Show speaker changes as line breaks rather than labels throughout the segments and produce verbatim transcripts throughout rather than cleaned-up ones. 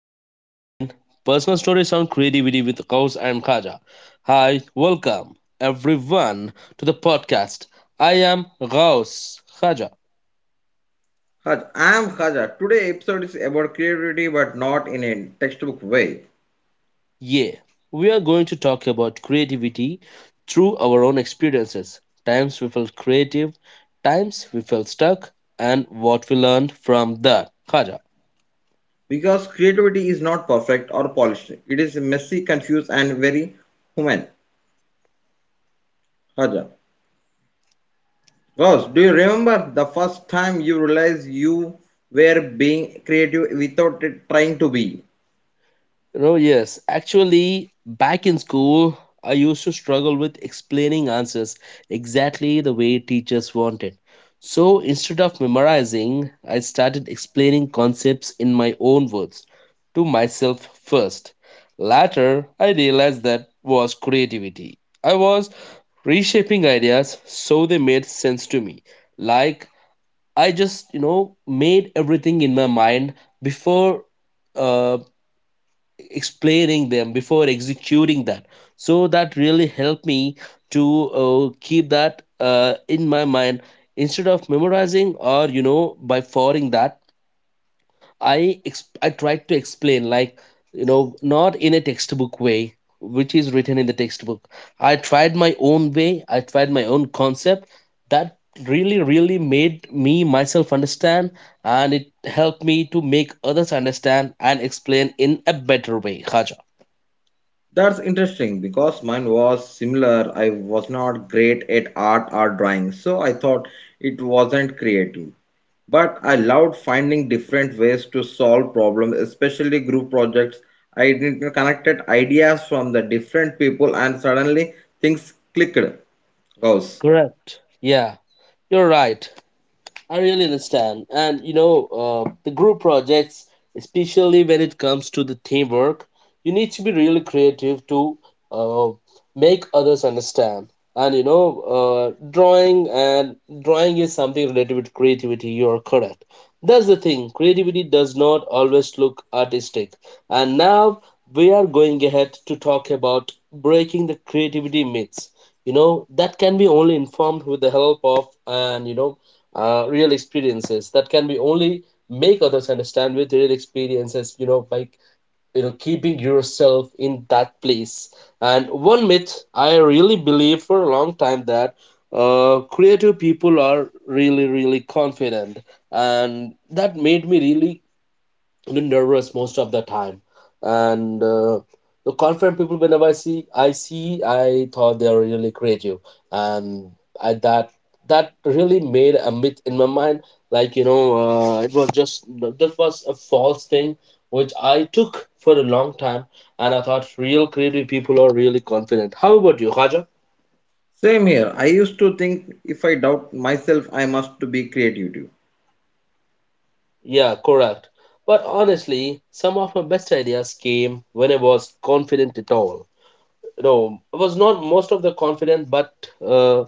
Creative Mind, personal stories on creativity with Kaus and Khaja. Hi, welcome everyone to the podcast. I am Ghaus Khaja.
Haj, I'm Khaja. Today episode is about creativity but not in a textbook way.
Yeah, we are going to talk about creativity through our own experiences. Times we felt creative, times we felt stuck, and what we learned from that. Khaja.
Because creativity is not perfect or polished. It is messy, confused and very human. Khaja. Rose, do you remember the first time you realized you were being creative without trying to be?
No, yes. Actually, back in school, I used to struggle with explaining answers exactly the way teachers wanted. So instead of memorizing, I started explaining concepts in my own words to myself first. Later, I realized that was creativity. I was reshaping ideas so they made sense to me. Like, I just, you know, made everything in my mind before uh, explaining them before executing that, so that really helped me to uh, keep that uh, in my mind instead of memorizing or you know by following that. I ex- i tried to explain, like you know not in a textbook way, which is written in the textbook. I tried my own way. I tried my own concept that really, really made me myself understand, and it helped me to make others understand and explain in a better way. Khaja.
That's interesting because mine was similar. I was not great at art or drawing, so I thought it wasn't creative. But I loved finding different ways to solve problems, especially group projects. I ident- connected ideas from the different people and suddenly things clicked. Goes.
Correct. Yeah, you're right. I really understand. And you know, uh, the group projects, especially when it comes to the teamwork, you need to be really creative to uh, make others understand. And you know, uh, drawing and drawing is something related with creativity. You are correct. That's the thing. Creativity does not always look artistic. And now we are going ahead to talk about breaking the creativity myths. You know that can be only informed with the help of and you know uh, real experiences that can be only make others understand with real experiences you know by you know keeping yourself in that place. And one myth I really believe for a long time, that uh, creative people are really, really confident, and that made me really, really nervous most of the time. And uh, the confident people, whenever i see i see I thought they are really creative. And I that that really made a myth in my mind, like you know uh, it was just, that was a false thing which I took for a long time. And I thought real creative people are really confident. How about you, Khaja?
Same here. I used to think if I doubt myself, I must to be creative.
Yeah, correct. But honestly, some of my best ideas came when I was confident at all. No, I was not most of the confident, but uh,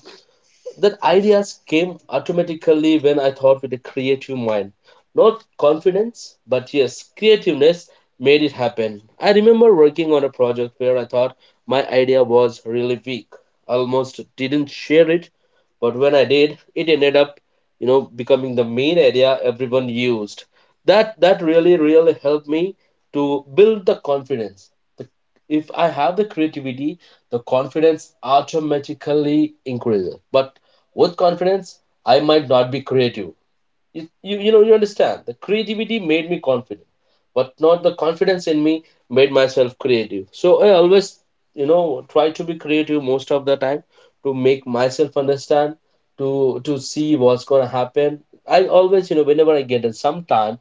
that ideas came automatically when I thought with a creative mind. Not confidence, but yes, creativeness made it happen. I remember working on a project where I thought my idea was really weak. Almost didn't share it, but when I did, it ended up, you know, becoming the main idea everyone used. That that really, really helped me to build the confidence. The If I have the creativity, the confidence automatically increases. But with confidence, I might not be creative. You, you, you know, you understand. The creativity made me confident, but not the confidence in me made myself creative. So I always, you know, try to be creative most of the time to make myself understand, to to see what's gonna happen. I always, you know, whenever I get it, sometimes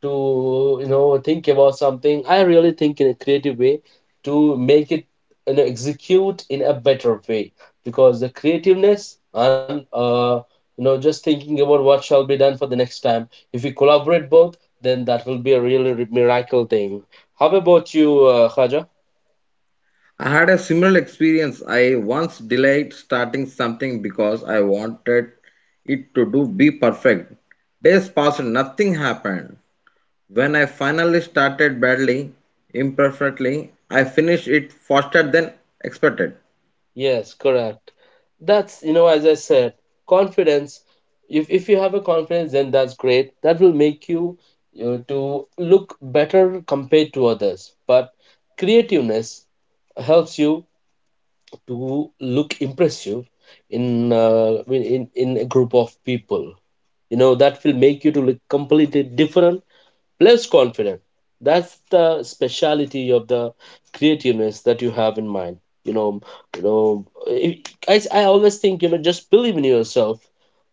to you know think about something, I really think in a creative way to make it you know execute in a better way because the creativeness and uh, you know just thinking about what shall be done for the next time, if we collaborate both, then that will be a really miracle thing. How about you, uh, Khaja?
I had a similar experience. I once delayed starting something because I wanted it to do be perfect. Days passed, nothing happened. When I finally started badly, imperfectly, I finished it faster than expected.
Yes, correct. That's, you know, as I said, confidence. If if you have a confidence, then that's great. That will make you, you know, to look better compared to others. But creativeness helps you to look impressive in uh, in in in a group of people. You know, that will make you to look completely different plus confident. That's the speciality of the creativeness that you have in mind you know you know if- i, I always think you know just believe in yourself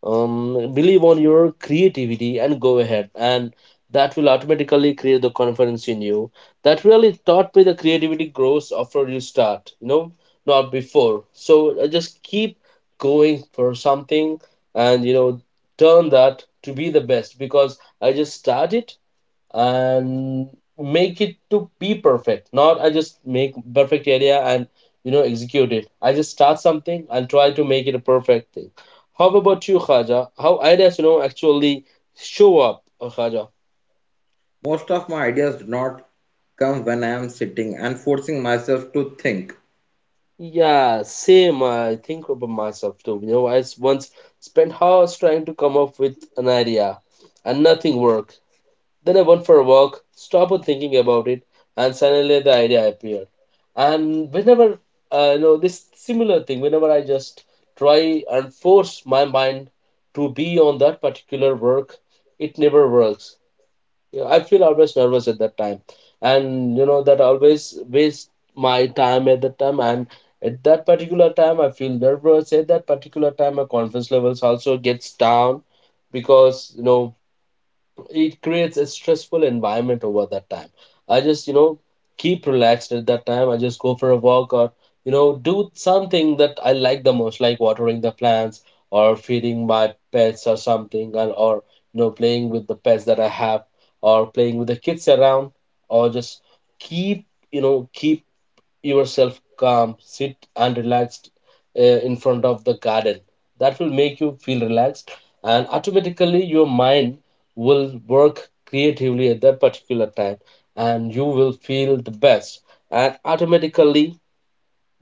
um believe on your creativity and go ahead, and that will automatically create the confidence in you. That really taught me the creativity grows after you start you know not before. So uh, just keep going for something and you know turn that to be the best because I just started. And make it to be perfect, not I just make perfect area and you know execute it. I just start something and try to make it a perfect thing. How about you, Khaja? How ideas you know actually show up, uh, Khaja?
Most of my ideas do not come when I am sitting and forcing myself to think.
Yeah, same. I think about myself too. You know i s- once spent hours trying to come up with an idea and nothing worked. Then I went for a walk, stopped on thinking about it, and suddenly the idea appeared. And whenever, uh, you know, this similar thing, whenever I just try and force my mind to be on that particular work, it never works. You know, I feel always nervous at that time. And, you know, that always waste my time at that time. And at that particular time, I feel nervous. At that particular time, my confidence levels also gets down because, you know, it creates a stressful environment over that time. I just you know keep relaxed at that time. I just go for a walk or you know do something that I like the most, like watering the plants or feeding my pets or something, and or you know playing with the pets that I have, or playing with the kids around, or just keep you know keep yourself calm, sit and relaxed uh, in front of the garden. That will make you feel relaxed, and automatically your mind will work creatively at that particular time, and you will feel the best. And automatically,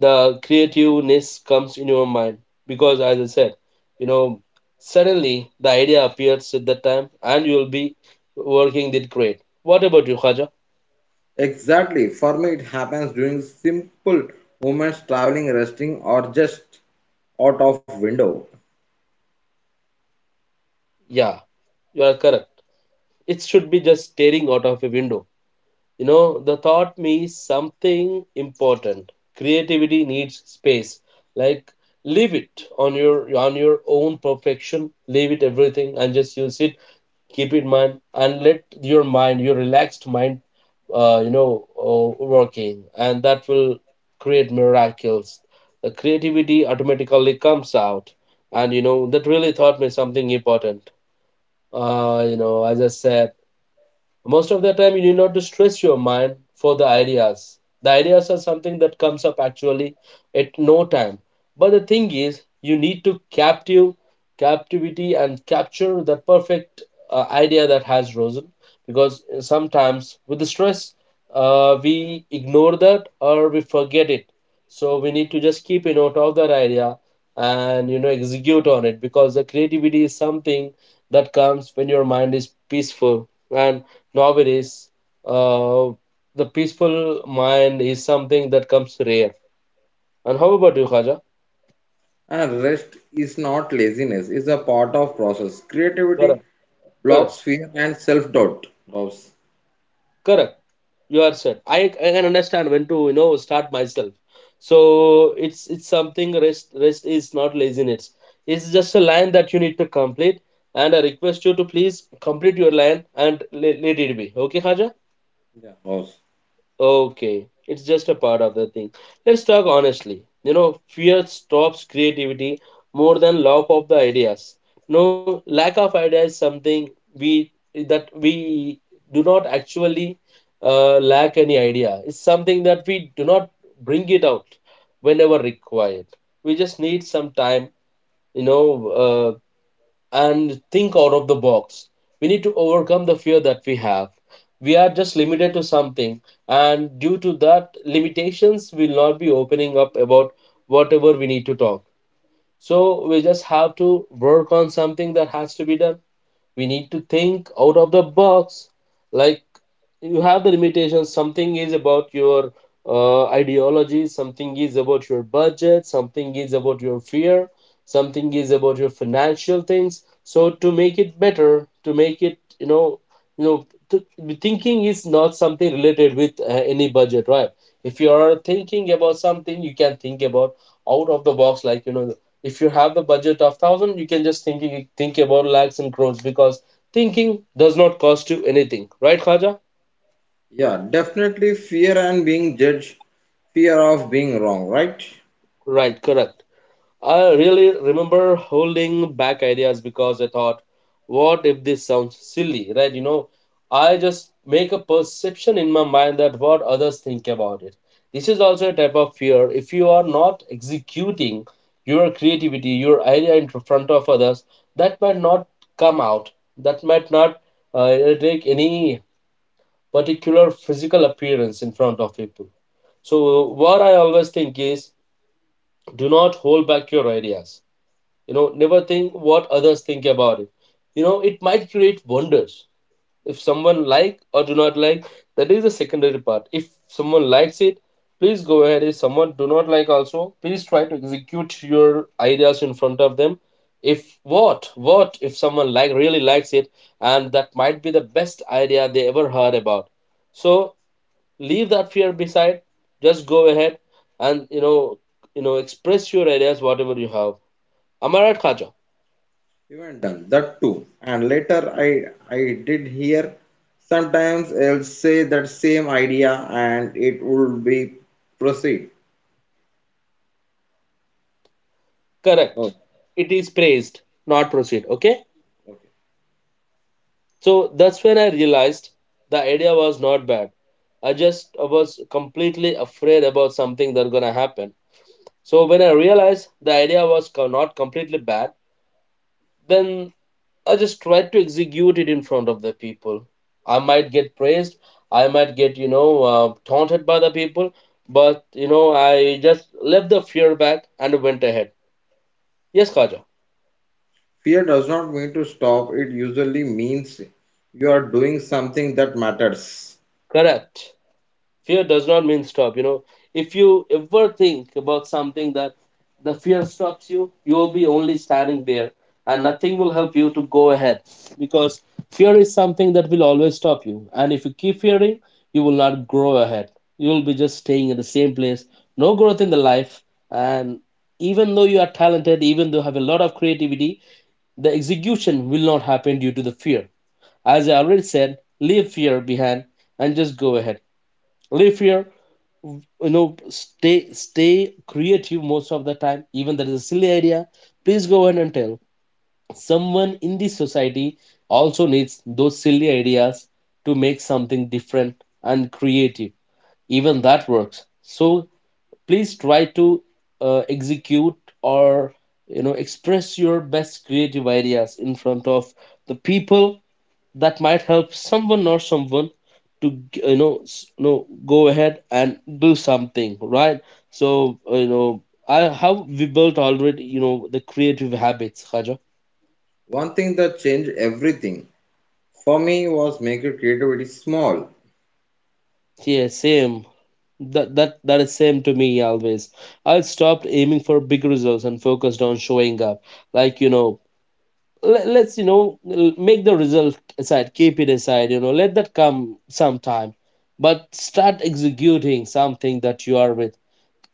the creativeness comes in your mind because, as I said, you know, suddenly the idea appears at that time, and you will be working it great. What about you, Khaja?
Exactly, for me it happens during simple moments traveling, resting, or just out of window.
Yeah, you are correct. It should be just staring out of a window. You know, the thought me something important. Creativity needs space. Like leave it on your on your own perfection. Leave it everything and just use it. Keep it mind and let your mind, your relaxed mind, uh, you know, uh, working, and that will create miracles. The creativity automatically comes out, and you know that really thought me something important. Uh, you know, as I said, most of the time you need not to stress your mind for the ideas. The ideas are something that comes up actually at no time. But the thing is you need to captive captivity and capture the perfect uh, idea that has risen. Because uh, sometimes with the stress, uh, we ignore that or we forget it. So we need to just keep a note of that idea and you know execute on it because the creativity is something that comes when your mind is peaceful. And nowadays, uh, the peaceful mind is something that comes rare. And how about you, Khaja?
And rest is not laziness, it's a part of process. Creativity
Correct. Correct.
blocks fear and self-doubt. Rose.
Correct. You are said. I, I can understand when to you know start myself. So it's it's something. Rest, rest is not laziness. It's just a line that you need to complete. And I request you to please complete your line and let, let it be. Okay, Khaja?
Yeah. Rose.
Okay, it's just a part of the thing. Let's talk honestly. You know, fear stops creativity more than lack of the ideas. No, lack of idea is something we that we do not actually uh, lack any idea. It's something that we do not bring it out whenever required. We just need some time, you know, uh, and think out of the box. We need to overcome the fear that we have. We are just limited to something, and due to that limitations, we'll not be opening up about whatever we need to talk. So we just have to work on something that has to be done. We need to think out of the box, like you have the limitations. Something is about your uh, ideology, something is about your budget, something is about your fear, something is about your financial things. So to make it better, to make it you know you know to, thinking is not something related with uh, any budget, right? If you are thinking about something, you can think about out of the box, like you know if you have the budget of thousand, you can just thinking think about lakhs and crores because thinking does not cost you anything, right, Khaja?
Yeah, definitely fear and being judged, fear of being wrong, right?
Right, correct. I really remember holding back ideas because I thought, what if this sounds silly, right? You know, I just make a perception in my mind that what others think about it. This is also a type of fear. If you are not executing your creativity, your idea in front of others, that might not come out. That might not uh, take any particular physical appearance in front of people. So, what I always think is, do not hold back your ideas. You know, never think what others think about it. You know, it might create wonders. If someone like or do not like, that is the secondary part. If someone likes it, please go ahead. If someone do not like, also please try to execute your ideas in front of them. If what what if someone like really likes it, and that might be the best idea they ever heard about. So leave that fear beside, just go ahead, and you know you know express your ideas whatever you have. Am I right, Khaja?
Even done that too. And later I I did hear sometimes I'll say that same idea and it would be proceed.
Correct.
Oh.
It is praised, not proceed. Okay. So that's when I realized the idea was not bad. I just was completely afraid about something that's gonna happen. So when I realized the idea was co- not completely bad, then I just tried to execute it in front of the people. I might get praised, I might get you know uh, taunted by the people, but you know, I just left the fear back and went ahead. Yes, Khaja.
Fear does not mean to stop, it usually means you are doing something that matters.
Correct. Fear does not mean stop, you know. If you ever think about something, that the fear stops you, you will be only standing there and nothing will help you to go ahead, because fear is something that will always stop you, and if you keep fearing, you will not grow ahead. You will be just staying at the same place, no growth in the life. And even though you are talented, even though you have a lot of creativity, the execution will not happen due to the fear. As I already said, leave fear behind and just go ahead. Live here. W- you know, stay stay creative most of the time. Even that is a silly idea, please go ahead and tell. Someone in this society also needs those silly ideas to make something different and creative. Even that works. So please try to uh, execute, or you know, express your best creative ideas in front of the people. That might help someone, or someone, to g- you know, s- you know, go ahead and do something, right? So uh, you know, I, how we built already, you know, the creative habits, Khaja.
One thing that changed everything for me was making creativity small.
Yeah, same. That that that is same to me always. I stopped aiming for big results and focused on showing up. Like, you know, let, let's you know, l- make the result aside, keep it aside. You know, let that come sometime, but start executing something that you are with.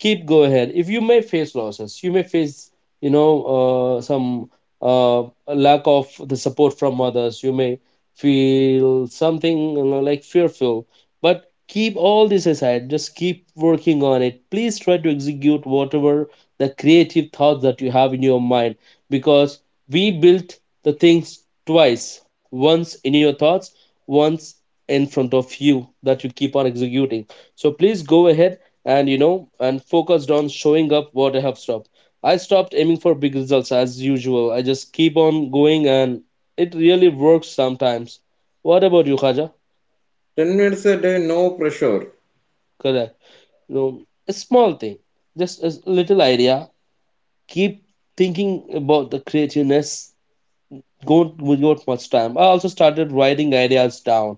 Keep go ahead. If you may face losses, you may face, you know, uh, some uh, lack of the support from others, you may feel something, you know, like fearful. But keep all this aside, just keep working on it. Please try to execute whatever the creative thoughts that you have in your mind, because we built the things twice: once in your thoughts, once in front of you, that you keep on executing. So please go ahead. And you know, and focused on showing up, what I have stopped. I stopped aiming for big results. As usual, I just keep on going, and it really works sometimes. What about you, Khaja?
10 minutes a day, no pressure.
Correct. You know, a small thing, just a little idea, keep thinking about the creativeness. Go without much time. I also started writing ideas down,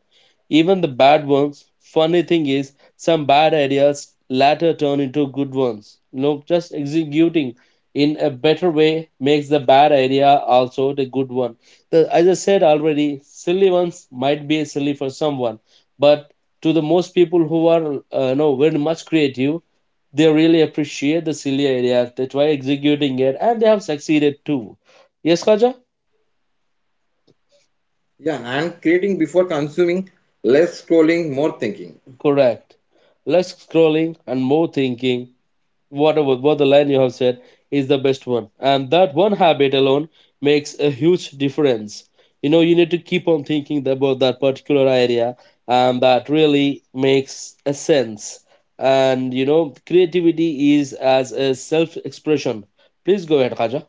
even the bad ones. Funny thing is, some bad ideas later turn into good ones. You know, just executing in a better way makes the bad idea also the good one. The, as I said already, silly ones might be silly for someone, but to the most people who are uh, you know, very much creative, they really appreciate the silly ideas. They try executing it, and they have succeeded too. Yes, Kaja.
Yeah, and creating before consuming, less scrolling, more thinking.
Correct. Less scrolling and more thinking. Whatever what the line you have said is the best one. And that one habit alone makes a huge difference. You know, you need to keep on thinking about that particular area, and that really makes a sense. And you know, creativity is as a self-expression. Please go ahead, Khaja.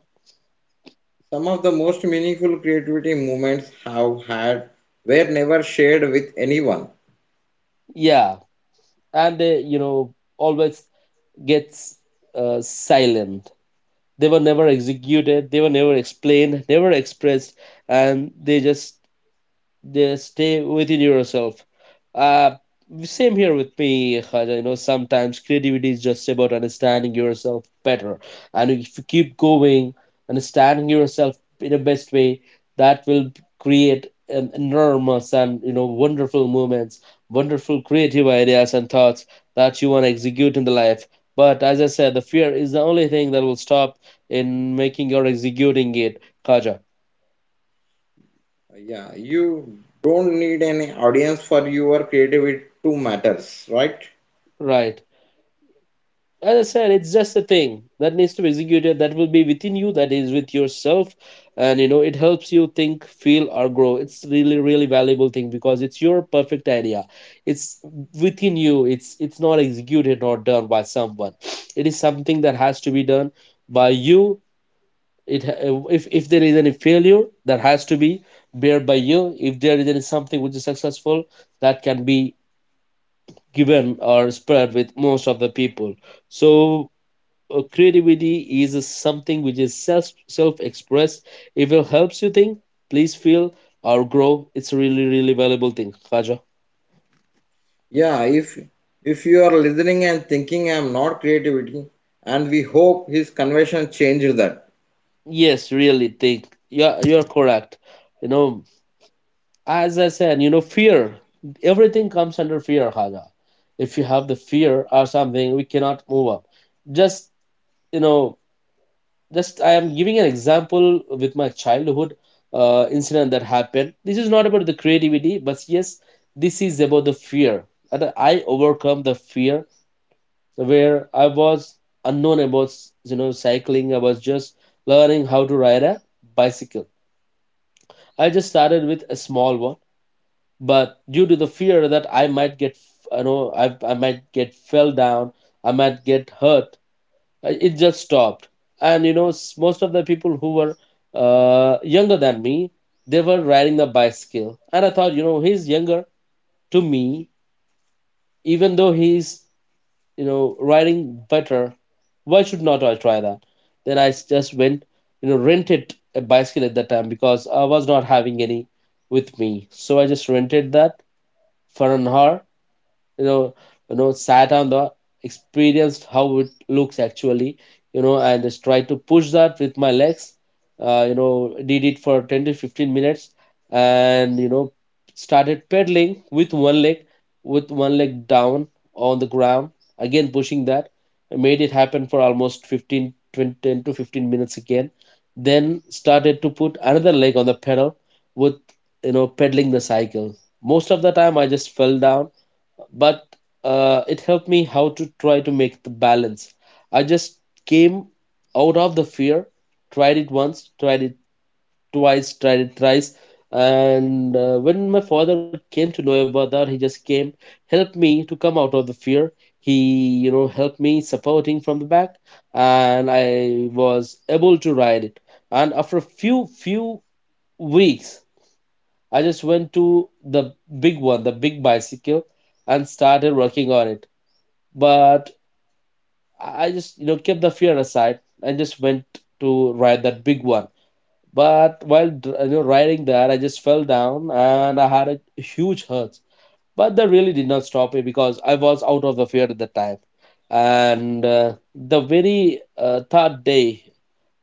Some of the most meaningful creativity movements have had were never shared with anyone.
Yeah, and uh, you know, always gets uh, silent. They were never executed, they were never explained, never expressed. And they just, they stay within yourself. Uh, Same here with me, Khaja. You know, sometimes creativity is just about understanding yourself better, and if you keep going, understanding yourself in the best way, that will create an enormous and you know, wonderful moments, wonderful creative ideas and thoughts that you want to execute in the life. But as I said, the fear is the only thing that will stop in making or executing it, Kaja.
Yeah, you don't need any audience for your creativity to matters, right?
Right. As I said, it's just a thing that needs to be executed that will be within you, that is with yourself. And you know, it helps you think, feel, or grow. It's really, really valuable thing, because it's your perfect idea. It's within you. It's it's not executed or done by someone. It is something that has to be done by you. It ha- if if there is any failure, that has to be bear by you. If there is any something which is successful, that can be given or spread with most of the people. So uh, creativity is something which is self self expressed. If it helps you think, please feel or grow, it's a really really valuable thing, Khaja.
Yeah, if if you are listening and thinking I am not creativity, and we hope his conversion changed that.
Yes, really think. Yeah, you're correct. You know, as I said, you know, fear. Everything comes under fear, Haja. If you have the fear or something, we cannot move up. Just you know, just I am giving an example with my childhood uh, incident that happened. This is not about the creativity, but yes, this is about the fear, and I overcome the fear. Where I was unknown about, you know, cycling. I was just learning how to ride a bicycle. I just started with a small one, but due to the fear that I might get, you know, i, I might get fell down, I might get hurt, uh, it just stopped. And you know, s- most of the people who were uh, younger than me, they were riding the bicycle, and I thought, you know, he's younger to me, even though he's, you know, riding better. Why should not I try that? Then i s- just went, you know, rented a bicycle at that time, because I was not having any with me, so I just rented that for an hour. You know, you know, sat on the, experienced how it looks actually, you know, and just tried to push that with my legs. Uh, you know, did it for ten to fifteen minutes. And you know, started pedaling with one leg, with one leg down on the ground, again pushing that. I made it happen for almost fifteen twenty, ten to fifteen minutes again. Then started to put another leg on the pedal, with, you know, pedaling the cycle. Most of the time I just fell down, but uh, it helped me how to try to make the balance. I just came out of the fear, tried it once, tried it twice, tried it thrice. And uh, when my father came to know about that, he just came, helped me to come out of the fear. He, you know, helped me supporting from the back, and I was able to ride it. And after a few few weeks, I just went to the big one, the big bicycle, and started working on it. But I just, you know, kept the fear aside and just went to ride that big one. But while dr- you know, riding that, I just fell down and I had a huge hurt. But that really did not stop me, because I was out of the fear at the time. And uh, the very uh, third day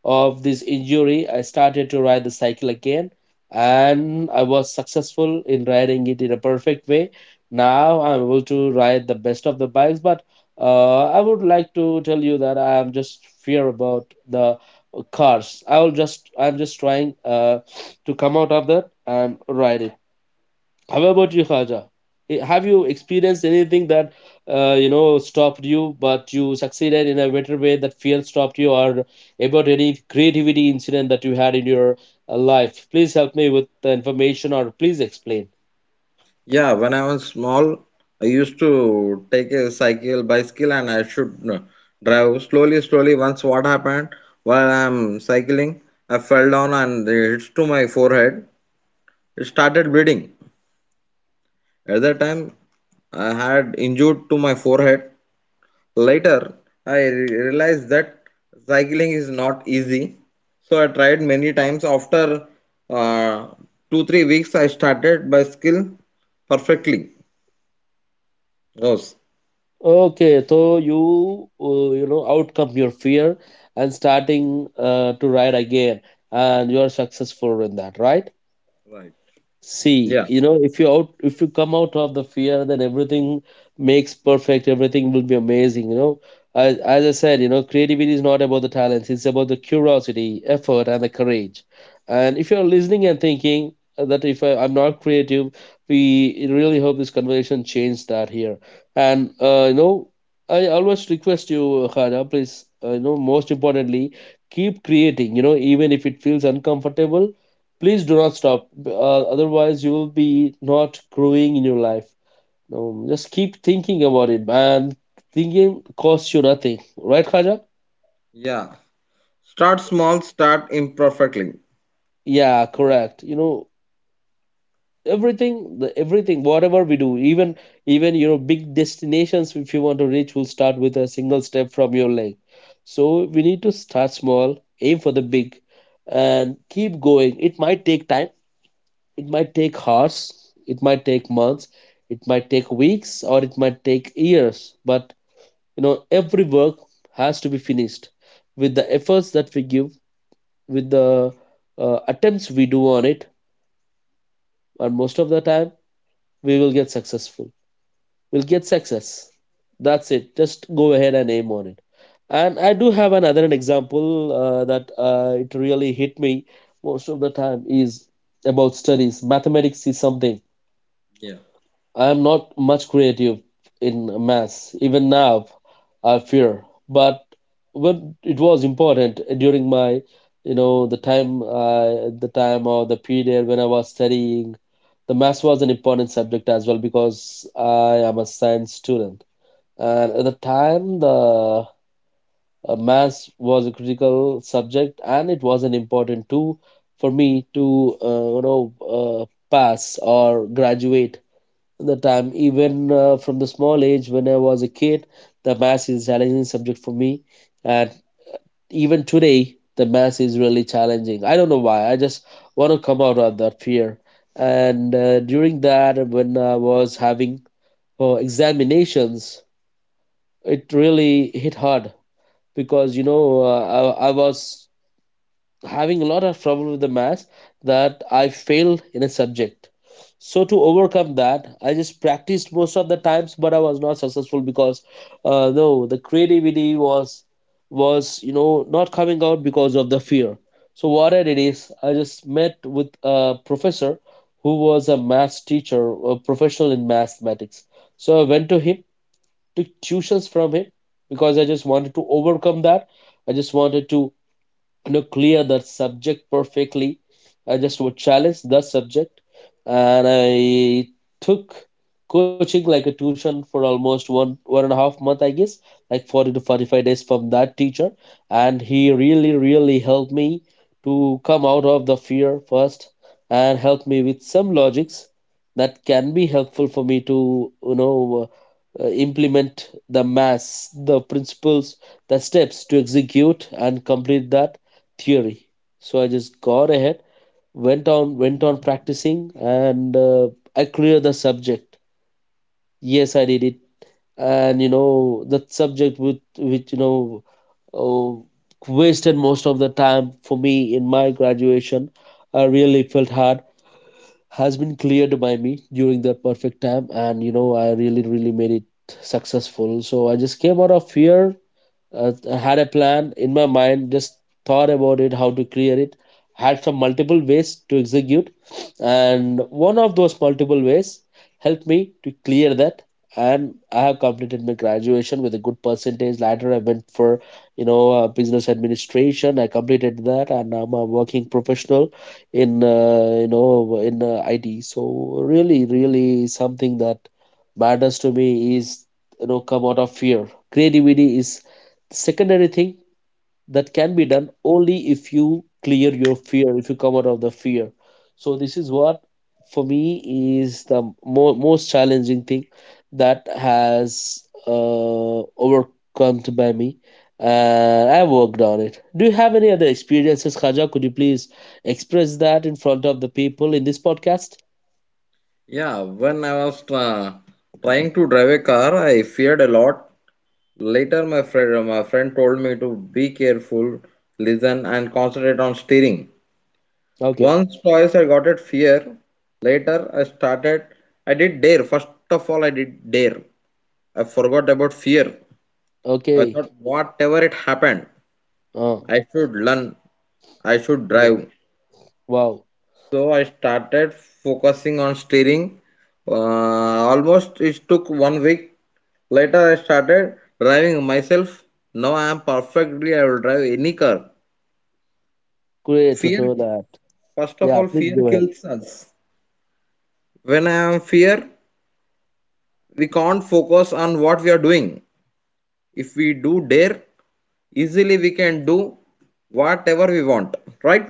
of this injury, I started to ride the cycle again, and I was successful in riding it in a perfect way. Now I'm able to ride the best of the bikes, but uh, I would like to tell you that I am just fear about the cars. I will just I'm just trying uh, to come out of that and ride it. How about you, Khaja? Eh, have you experienced anything that uh, you know, stopped you, but you succeeded in a better way, that fear stopped you? Or about any creativity incident that you had in your uh, life? Please help me with the information, or please explain.
Yeah, when I was small, I used to take a cycle, bicycle, and I should uh, drive slowly, slowly. Once what happened while I'm cycling, I fell down and it hits to my forehead. It started bleeding. At that time, I had injured to my forehead. Later, I re- realized that cycling is not easy. So I tried many times. After uh, two, three weeks, I started bicycle perfectly. Yes.
Okay, so you uh, you know, outcome your fear and starting uh, to write again, and you are successful in that, right? See,
Yeah.
you know, if you out, if you come out of the fear, then everything makes perfect. Everything will be amazing. You know, as, as I said, you know, creativity is not about the talents. It's about the curiosity, effort, and the courage. And if you're listening and thinking uh, that if I, I'm not creative, we really hope this conversation changed that here. And uh, you know, I always request you, Khara, please. Uh, you know, most importantly, keep creating. You know, even if it feels uncomfortable, please do not stop. Uh, otherwise you will be not growing in your life. No, just keep thinking about it, and thinking costs you nothing, right, Khaja?
Yeah. Start small, start imperfectly.
Yeah, correct. You know everything the everything whatever we do, even even you know big destinations, if you want to reach, will start with a single step from your leg. So we need to start small, aim for the big, and keep going. It might take time. It might take hours, it might take months, it might take weeks, or it might take years. But you know, every work has to be finished with the efforts that we give, with the uh, attempts we do on it, and most of the time we will get successful. We'll get success. That's it. Just go ahead and aim on it. And I do have another an example uh, that uh, it really hit me most of the time is about studies. Mathematics is something
Yeah.
I am not much creative in maths, even now, I fear. But when it was important, uh, during my, you know, the time, uh, the time or the period when I was studying, the maths was an important subject as well because I am a science student. And at the time, the uh, maths was a critical subject, and it was an important too, for me to uh, you know, uh, pass or graduate. The time, even uh, from the small age when I was a kid, the math is a challenging subject for me. And even today the math is really challenging. I don't know why. I just want to come out of that fear. And uh, during that, when I was having uh, examinations, it really hit hard because, you know uh, I, I was having a lot of trouble with the maths, that I failed in a subject. So to overcome that, I just practiced most of the times, but I was not successful because, uh, no, the creativity was was you know not coming out because of the fear. So what I did is I just met with a professor who was a maths teacher, a professional in mathematics. So I went to him, took tuitions from him because I just wanted to overcome that. I just wanted to you know clear that subject perfectly. I just would challenge that subject, and I took coaching like a tuition for almost one one and a half month, I guess, like forty to forty-five days from that teacher. And he really really helped me to come out of the fear first, and help me with some logics that can be helpful for me to you know uh, implement the mass, the principles, the steps to execute and complete that theory. So I just got ahead, went on, went on practicing, and uh, I cleared the subject. Yes, I did it, and you know that subject, with which, you know uh, wasted most of the time for me in my graduation, I really felt hard, has been cleared by me during the perfect time. And you know I really really made it successful. So I just came out of fear, uh, had a plan in my mind, just thought about it how to clear it, had some multiple ways to execute, and one of those multiple ways helped me to clear that. And I have completed my graduation with a good percentage. Later I went for, you know uh, business administration. I completed that, and I'm a working professional in, uh, you know in uh, IT. So really really something that matters to me is, you know come out of fear. Creativity is secondary thing that can be done only if you clear your fear, if you come out of the fear. So this is what, for me, is the mo- most challenging thing that has uh, overcome by me, and I worked on it. Do you have any other experiences, Khaja? Could you please express that in front of the people in this podcast?
Yeah, when I was uh, trying to drive a car, I feared a lot. Later, my friend, my friend told me to be careful, listen, and concentrate on steering.
Okay.
Once, twice, I got at fear. Later, I started. I did dare. First of all, I did dare. I forgot about fear. I
Okay.
thought, whatever it happened,
Oh.
I should learn. I should
Wow.
drive.
Wow.
So I started focusing on steering. Uh, Almost it took one week. Later I started driving myself. Now I am perfectly. I will drive any car.
Great to
Fear,
know that.
first of
Yeah,
all,
please
fear
go ahead.
kills us. When I am fear, we can't focus on what we are doing. If we do dare, easily we can do whatever we want. Right?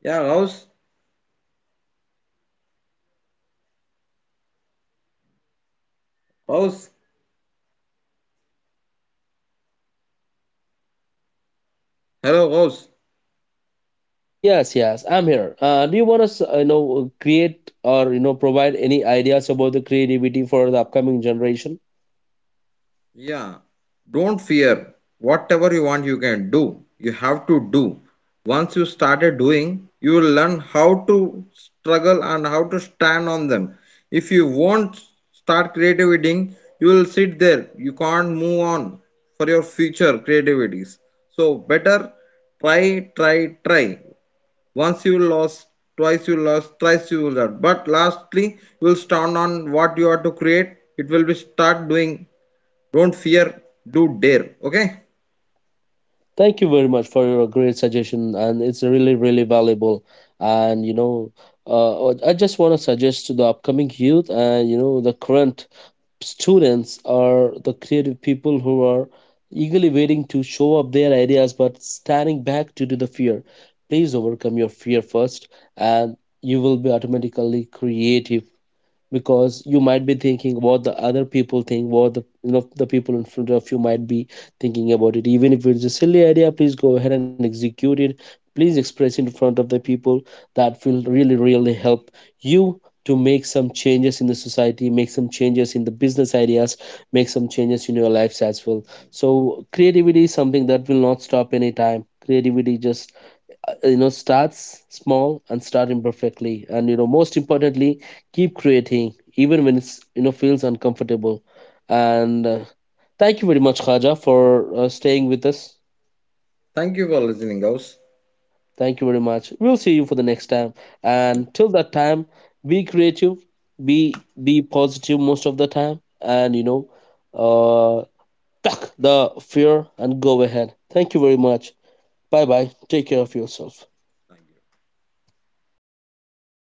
Yeah, House. House. Hello, House.
Yes, yes, I'm here. Uh, do you want to, you know, create, or you know provide any ideas about the creativity for the upcoming generation?
Yeah, don't fear. Whatever you want, you can do. You have to do. Once you started doing, you will learn how to struggle and how to stand on them. If you won't start creativity, you will sit there. You can't move on for your future creativities. So better try, try, try. Once you lost, twice you lost, thrice you lost. But lastly, you will stand on what you are to create. It will be start doing don't fear, do dare. Okay?
Thank you very much for your great suggestion, and it's really, really valuable. And you know, uh, I just want to suggest to the upcoming youth and you know the current students or the creative people who are eagerly waiting to show up their ideas but standing back due to the fear. Please overcome your fear first, and you will be automatically creative because you might be thinking what the other people think, what the you know the people in front of you might be thinking about it. Even if it's a silly idea, please go ahead and execute it. Please express it in front of the people. That will really really help you to make some changes in the society, make some changes in the business ideas, make some changes in your lives as well. So creativity is something that will not stop anytime. Creativity just, uh, you know starts small and start imperfectly, and, you know most importantly, keep creating even when it's you know feels uncomfortable. And uh, thank you very much, Khaja, for uh, staying with us.
Thank you for listening, guys.
Thank you very much. We'll see you for the next time, and till that time, be creative. Be be positive most of the time, and you know uh, the fear, and go ahead. Thank you very much. Bye bye. Take care of yourself.